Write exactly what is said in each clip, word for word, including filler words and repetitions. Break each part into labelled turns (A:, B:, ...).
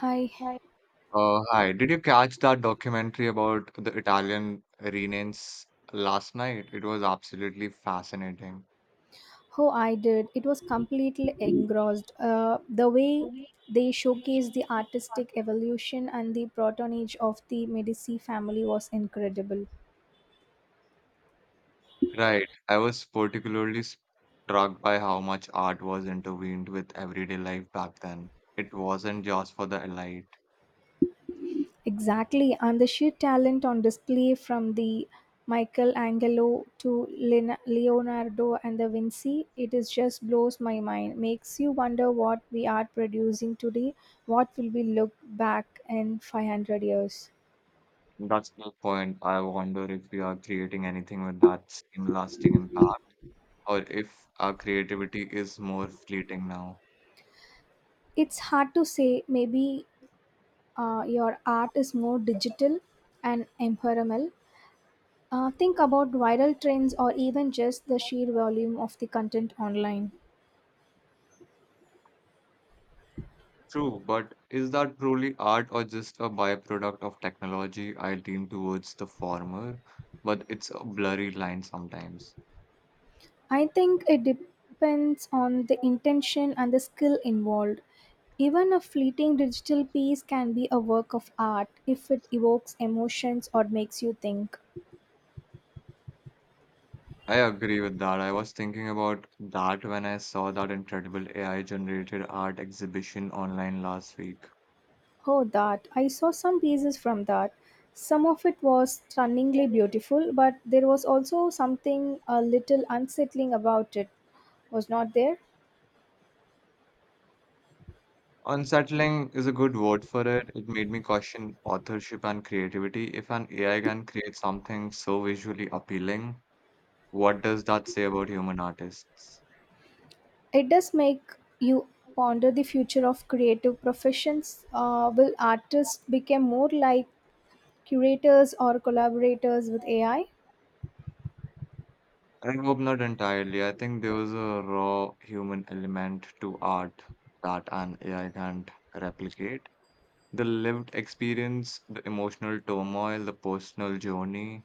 A: Hi.
B: Hi. Uh, hi. Did you catch that documentary about the Italian Renaissance last night? It was absolutely fascinating.
A: Oh, I did. It was completely engrossed. Uh, the way they showcased the artistic evolution and the protonage of the Medici family was incredible.
B: Right. I was particularly struck by how much art was intervened with everyday life back then. It wasn't just for the elite.
A: Exactly. And the sheer talent on display from the Michelangelo to Lin- Leonardo and the Vinci, it is just blows my mind. Makes you wonder what we are producing today, what will we look back in five hundred years.
B: That's the point. I wonder if we are creating anything with that same lasting impact, or if our creativity is more fleeting now.
A: It's hard to say. Maybe uh, your art is more digital and ephemeral. Uh, think about viral trends or even just the sheer volume of the content online.
B: True, but is that truly art or just a byproduct of technology? I lean towards the former, but it's a blurry line sometimes.
A: I think it depends on the intention and the skill involved. Even a fleeting digital piece can be a work of art if it evokes emotions or makes you think.
B: I agree with that. I was thinking about that when I saw that incredible A I generated art exhibition online last week.
A: Oh, that. I saw some pieces from that. Some of it was stunningly beautiful, but there was also something a little unsettling about it, was not there?
B: Unsettling is a good word for it. It made me question authorship and creativity. If an A I can create something so visually appealing, what does that say about human artists?
A: It does make you ponder the future of creative professions. Uh, will artists become more like curators or collaborators with A I?
B: I hope not entirely. I think there was a raw human element to art that an A I can't replicate. The lived experience, the emotional turmoil, the personal journey.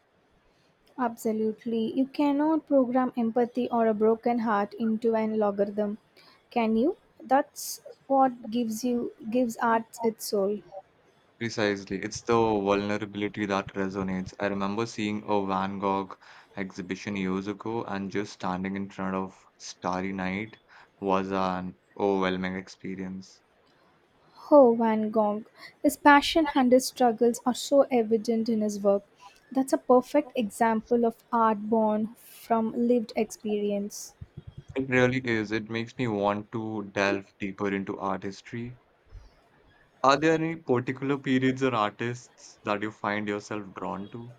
A: Absolutely. You cannot program empathy or a broken heart into an algorithm, can you? That's what gives you gives art its soul.
B: Precisely. It's the vulnerability that resonates. I remember seeing a Van Gogh exhibition years ago, and just standing in front of Starry Night was an overwhelming experience.
A: Oh, Van Gogh. His passion and his struggles are so evident in his work. That's a perfect example of art born from lived experience.
B: It really is. It makes me want to delve deeper into art history. Are there any particular periods or artists that you find yourself drawn to?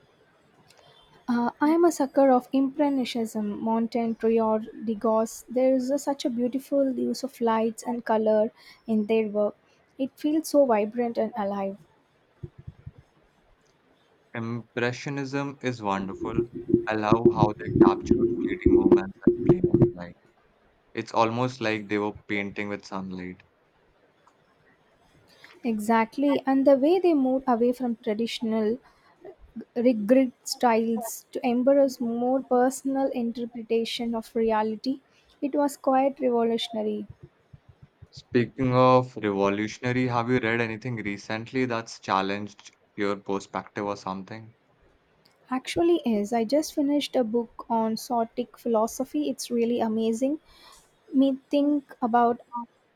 A: Uh, I am a sucker of Impressionism, Montaigne, Prior, Degas. There is a- such a beautiful use of lights and color in their work. It feels so vibrant and alive.
B: Impressionism is wonderful. I love how they captured fleeting moments and play of light. It's almost like they were painting with sunlight.
A: Exactly, and the way they moved away from traditional rigid styles to embrace more personal interpretation of reality. It was quite revolutionary.
B: Speaking of revolutionary, have you read anything recently that's challenged your perspective or something?
A: Actually, is I just finished a book on Sortic philosophy. It's really amazing. Me think about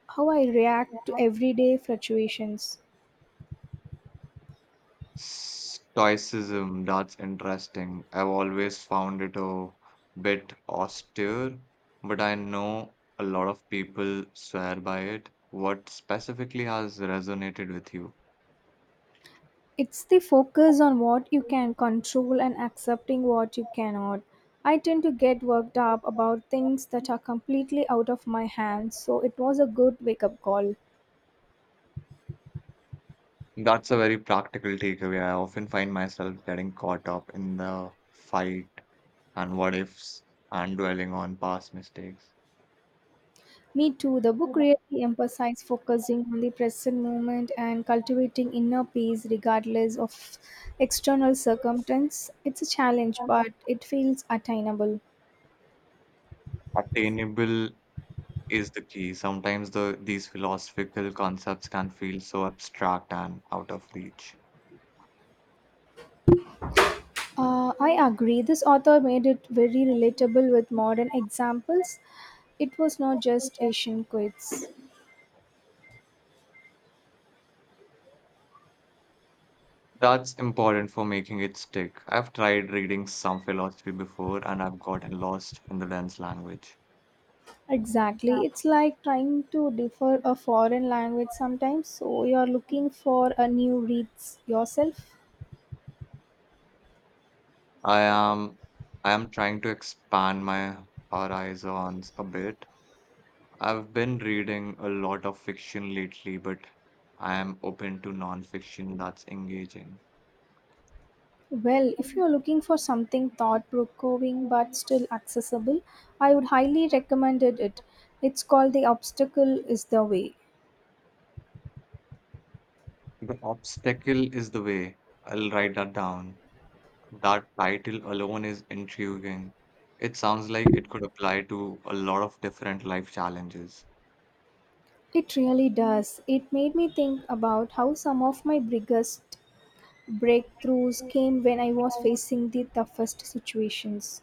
A: how I react to everyday fluctuations.
B: Stoicism, that's interesting. I've always found it a bit austere, but I know a lot of people swear by it. What specifically has resonated with you?
A: It's the focus on what you can control and accepting what you cannot. I tend to get worked up about things that are completely out of my hands, so it was a good wake up call.
B: That's a very practical takeaway. I often find myself getting caught up in the fight and what ifs and dwelling on past mistakes.
A: Me too. The book really emphasized focusing on the present moment and cultivating inner peace regardless of external circumstance. It's a challenge, but it feels attainable.
B: Attainable is the key. Sometimes the these philosophical concepts can feel so abstract and out of reach.
A: Uh, I agree. This author made it very relatable with modern examples. It was not just Asian quiz.
B: That's important for making it stick. I've tried reading some philosophy before and I've gotten lost in the dense language.
A: Exactly. It's like trying to defer a foreign language sometimes. So you're looking for a new reads yourself.
B: I am I am trying to expand my horizons a bit. I've been reading a lot of fiction lately, but I am open to non-fiction that's engaging.
A: Well, if you're looking for something thought provoking but still accessible, I would highly recommend it. It's called The Obstacle is the Way.
B: The obstacle is the way. I'll write that down. That title alone is intriguing. It sounds like it could apply to a lot of different life challenges.
A: It really does. It made me think about how some of my biggest breakthroughs came when I was facing the toughest situations.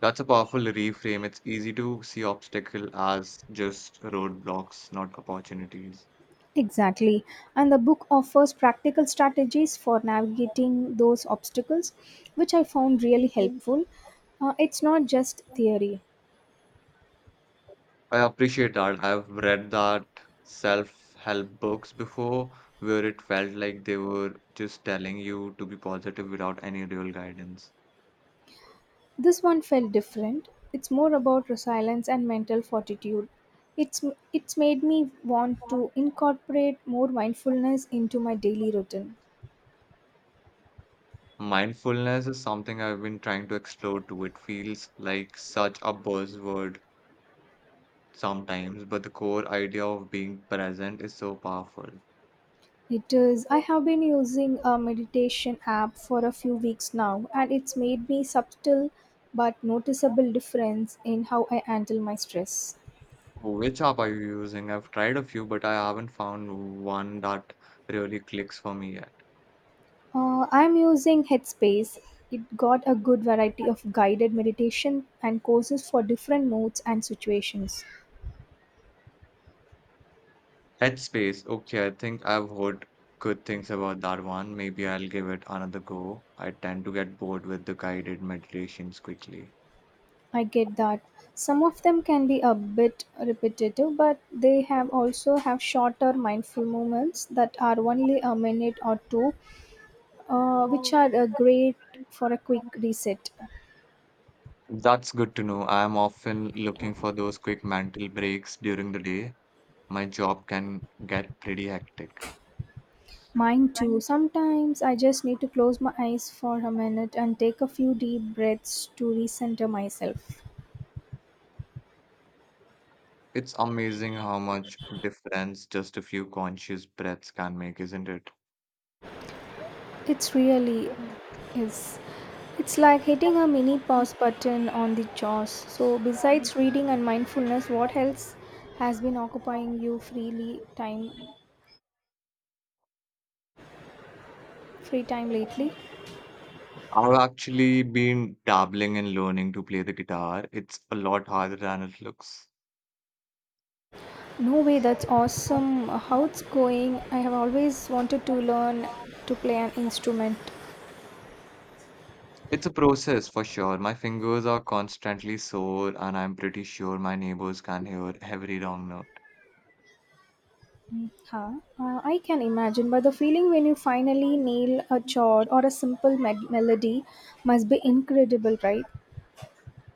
B: That's a powerful reframe. It's easy to see obstacle as just roadblocks, not opportunities.
A: Exactly. And the book offers practical strategies for navigating those obstacles, which I found really helpful. Uh, it's not just theory.
B: I appreciate that. I've read that self-help books before where it felt like they were just telling you to be positive without any real guidance.
A: This one felt different. It's more about resilience and mental fortitude. It's it's made me want to incorporate more mindfulness into my daily routine.
B: Mindfulness is something I've been trying to explore too. It feels like such a buzzword sometimes, but the core idea of being present is so powerful.
A: It is. I have been using a meditation app for a few weeks now and it's made me subtle but noticeable difference in how I handle my stress.
B: Which app are you using? I've tried a few, but I haven't found one that really clicks for me yet.
A: Uh, I'm using Headspace. It got a good variety of guided meditation and courses for different moods and situations.
B: Headspace. Okay, I think I've heard good things about that one. Maybe I'll give it another go. I tend to get bored with the guided meditations quickly.
A: I get that. Some of them can be a bit repetitive, but they have also have shorter mindful moments that are only a minute or two, uh, which are uh, great for a quick reset.
B: That's good to know. I am often looking for those quick mental breaks during the day. My job can get pretty hectic.
A: Mine too. Sometimes I just need to close my eyes for a minute and take a few deep breaths to recenter myself.
B: It's amazing how much difference just a few conscious breaths can make, isn't it?
A: It's really is. It's like hitting a mini pause button on the jaws. So, besides reading and mindfulness, what else has been occupying you freely time, free time lately?
B: I've actually been dabbling and learning to play the guitar. It's a lot harder than it looks.
A: No way, that's awesome. How it's going? I have always wanted to learn to play an instrument.
B: It's a process for sure. My fingers are constantly sore, and I'm pretty sure my neighbors can hear every wrong note.
A: Huh? Uh, I can imagine, but the feeling when you finally nail a chord or a simple med- melody must be incredible, right?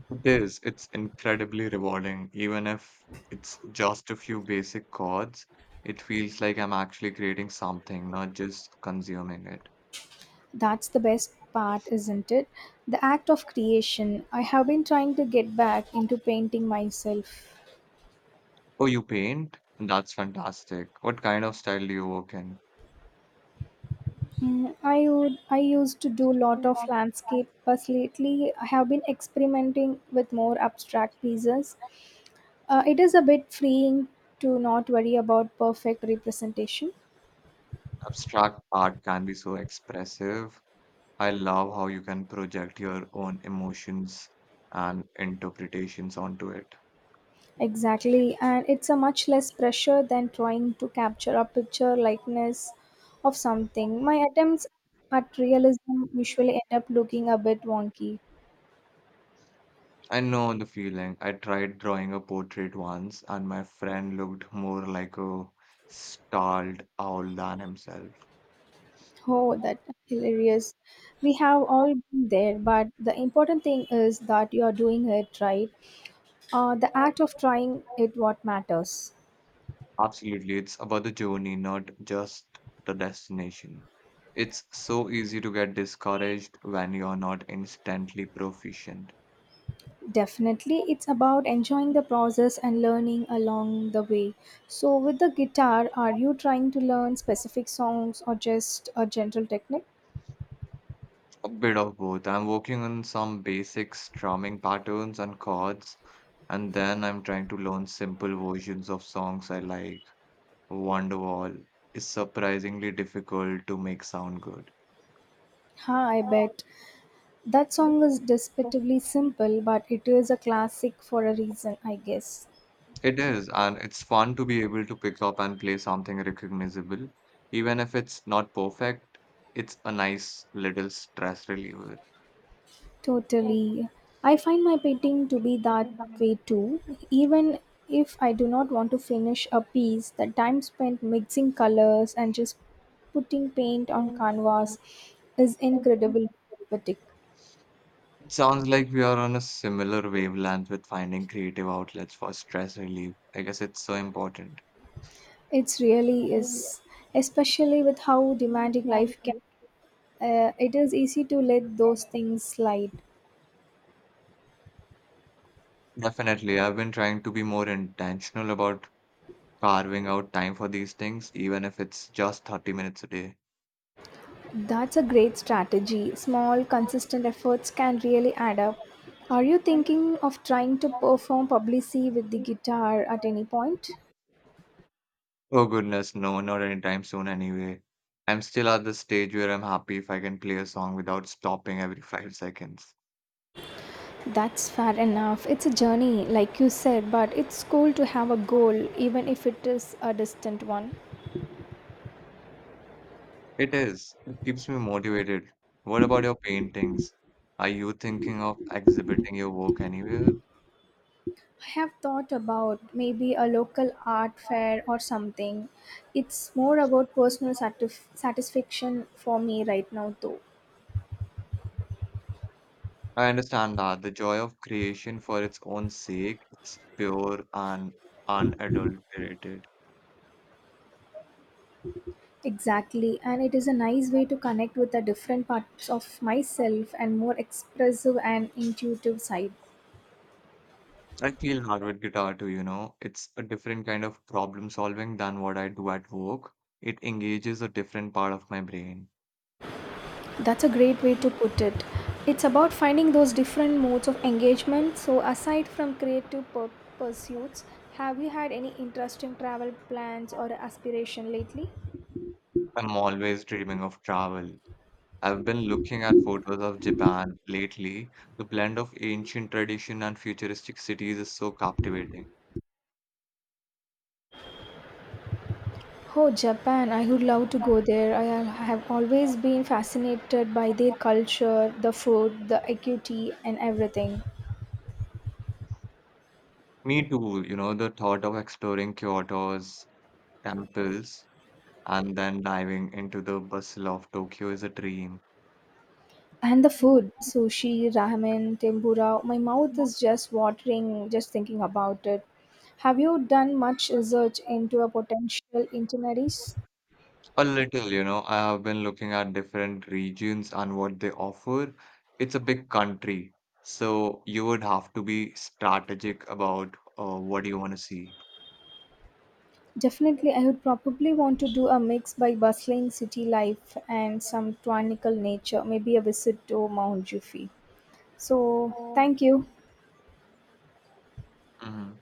B: It is. It's incredibly rewarding. Even if it's just a few basic chords, it feels like I'm actually creating something, not just consuming it.
A: That's the best part, isn't it? The act of creation. I have been trying to get back into painting myself.
B: Oh, you paint? That's fantastic. What kind of style do you work in?
A: Mm, I would, I used to do a lot of landscape, but lately I have been experimenting with more abstract pieces. Uh, it is a bit freeing to not worry about perfect representation.
B: Abstract art can be so expressive. I love how you can project your own emotions and interpretations onto it.
A: Exactly, and it's a much less pressure than trying to capture a picture likeness of something. My attempts at realism usually end up looking a bit wonky.
B: I know the feeling. I tried drawing a portrait once, and my friend looked more like a stalled owl than himself.
A: Oh, that hilarious. We have all been there, but the important thing is that you are doing it right. Uh, the act of trying it what matters.
B: Absolutely, it's about the journey, not just the destination. It's so easy to get discouraged when you're not instantly proficient.
A: Definitely, it's about enjoying the process and learning along the way. So, with the guitar, are you trying to learn specific songs or just a general technique?
B: A bit of both. I'm working on some basic strumming patterns and chords, and then I'm trying to learn simple versions of songs I like. Wonderwall is surprisingly difficult to make sound good.
A: Ha, I bet. That song is despectively simple, but it is a classic for a reason, I guess.
B: It is, and it's fun to be able to pick up and play something recognizable. Even if it's not perfect, it's a nice little stress reliever.
A: Totally. I find my painting to be that way too. Even if I do not want to finish a piece, the time spent mixing colors and just putting paint on canvas is incredibly therapeutic.
B: Sounds like we are on a similar wavelength with finding creative outlets for stress relief. I guess it's so important.
A: It really is, especially with how demanding life can. Uh, it is easy to let those things slide.
B: Definitely. I've been trying to be more intentional about carving out time for these things, even if it's just thirty minutes a day.
A: That's a great strategy. Small, consistent efforts can really add up. Are you thinking of trying to perform publicity with the guitar at any point?
B: Oh goodness, no, not anytime soon anyway. I'm still at the stage where I'm happy if I can play a song without stopping every five seconds.
A: That's fair enough. It's a journey, like you said, but it's cool to have a goal, even if it is a distant one.
B: It is. It keeps me motivated. What about your paintings? Are you thinking of exhibiting your work anywhere?
A: I have thought about maybe a local art fair or something. It's more about personal satisf- satisfaction for me right now, though.
B: I understand that the joy of creation for its own sake, it's pure and unadulterated.
A: Exactly, and it is a nice way to connect with the different parts of myself and more expressive and intuitive side.
B: I feel hardwood guitar too, you know. It's a different kind of problem solving than what I do at work. It engages a different part of my brain.
A: That's a great way to put it. It's about finding those different modes of engagement. So, aside from creative pur- pursuits, have you had any interesting travel plans or aspiration lately?
B: I'm always dreaming of travel. I've been looking at photos of Japan lately. The blend of ancient tradition and futuristic cities is so captivating.
A: Oh, Japan, I would love to go there. I al- have always been fascinated by their culture, the food, the acuity, and everything.
B: Me too, you know, the thought of exploring Kyoto's temples and then diving into the bustle of Tokyo is a dream.
A: And the food, sushi, ramen, tempura, my mouth is just watering just thinking about it. Have you done much research into a potential itineraries?
B: A little, you know, I have been looking at different regions and what they offer. It's a big country, so you would have to be strategic about uh, what you want to see.
A: Definitely, I would probably want to do a mix by bustling city life and some tranquil nature, maybe a visit to Mount Jufi. So, thank you.
B: Hmm.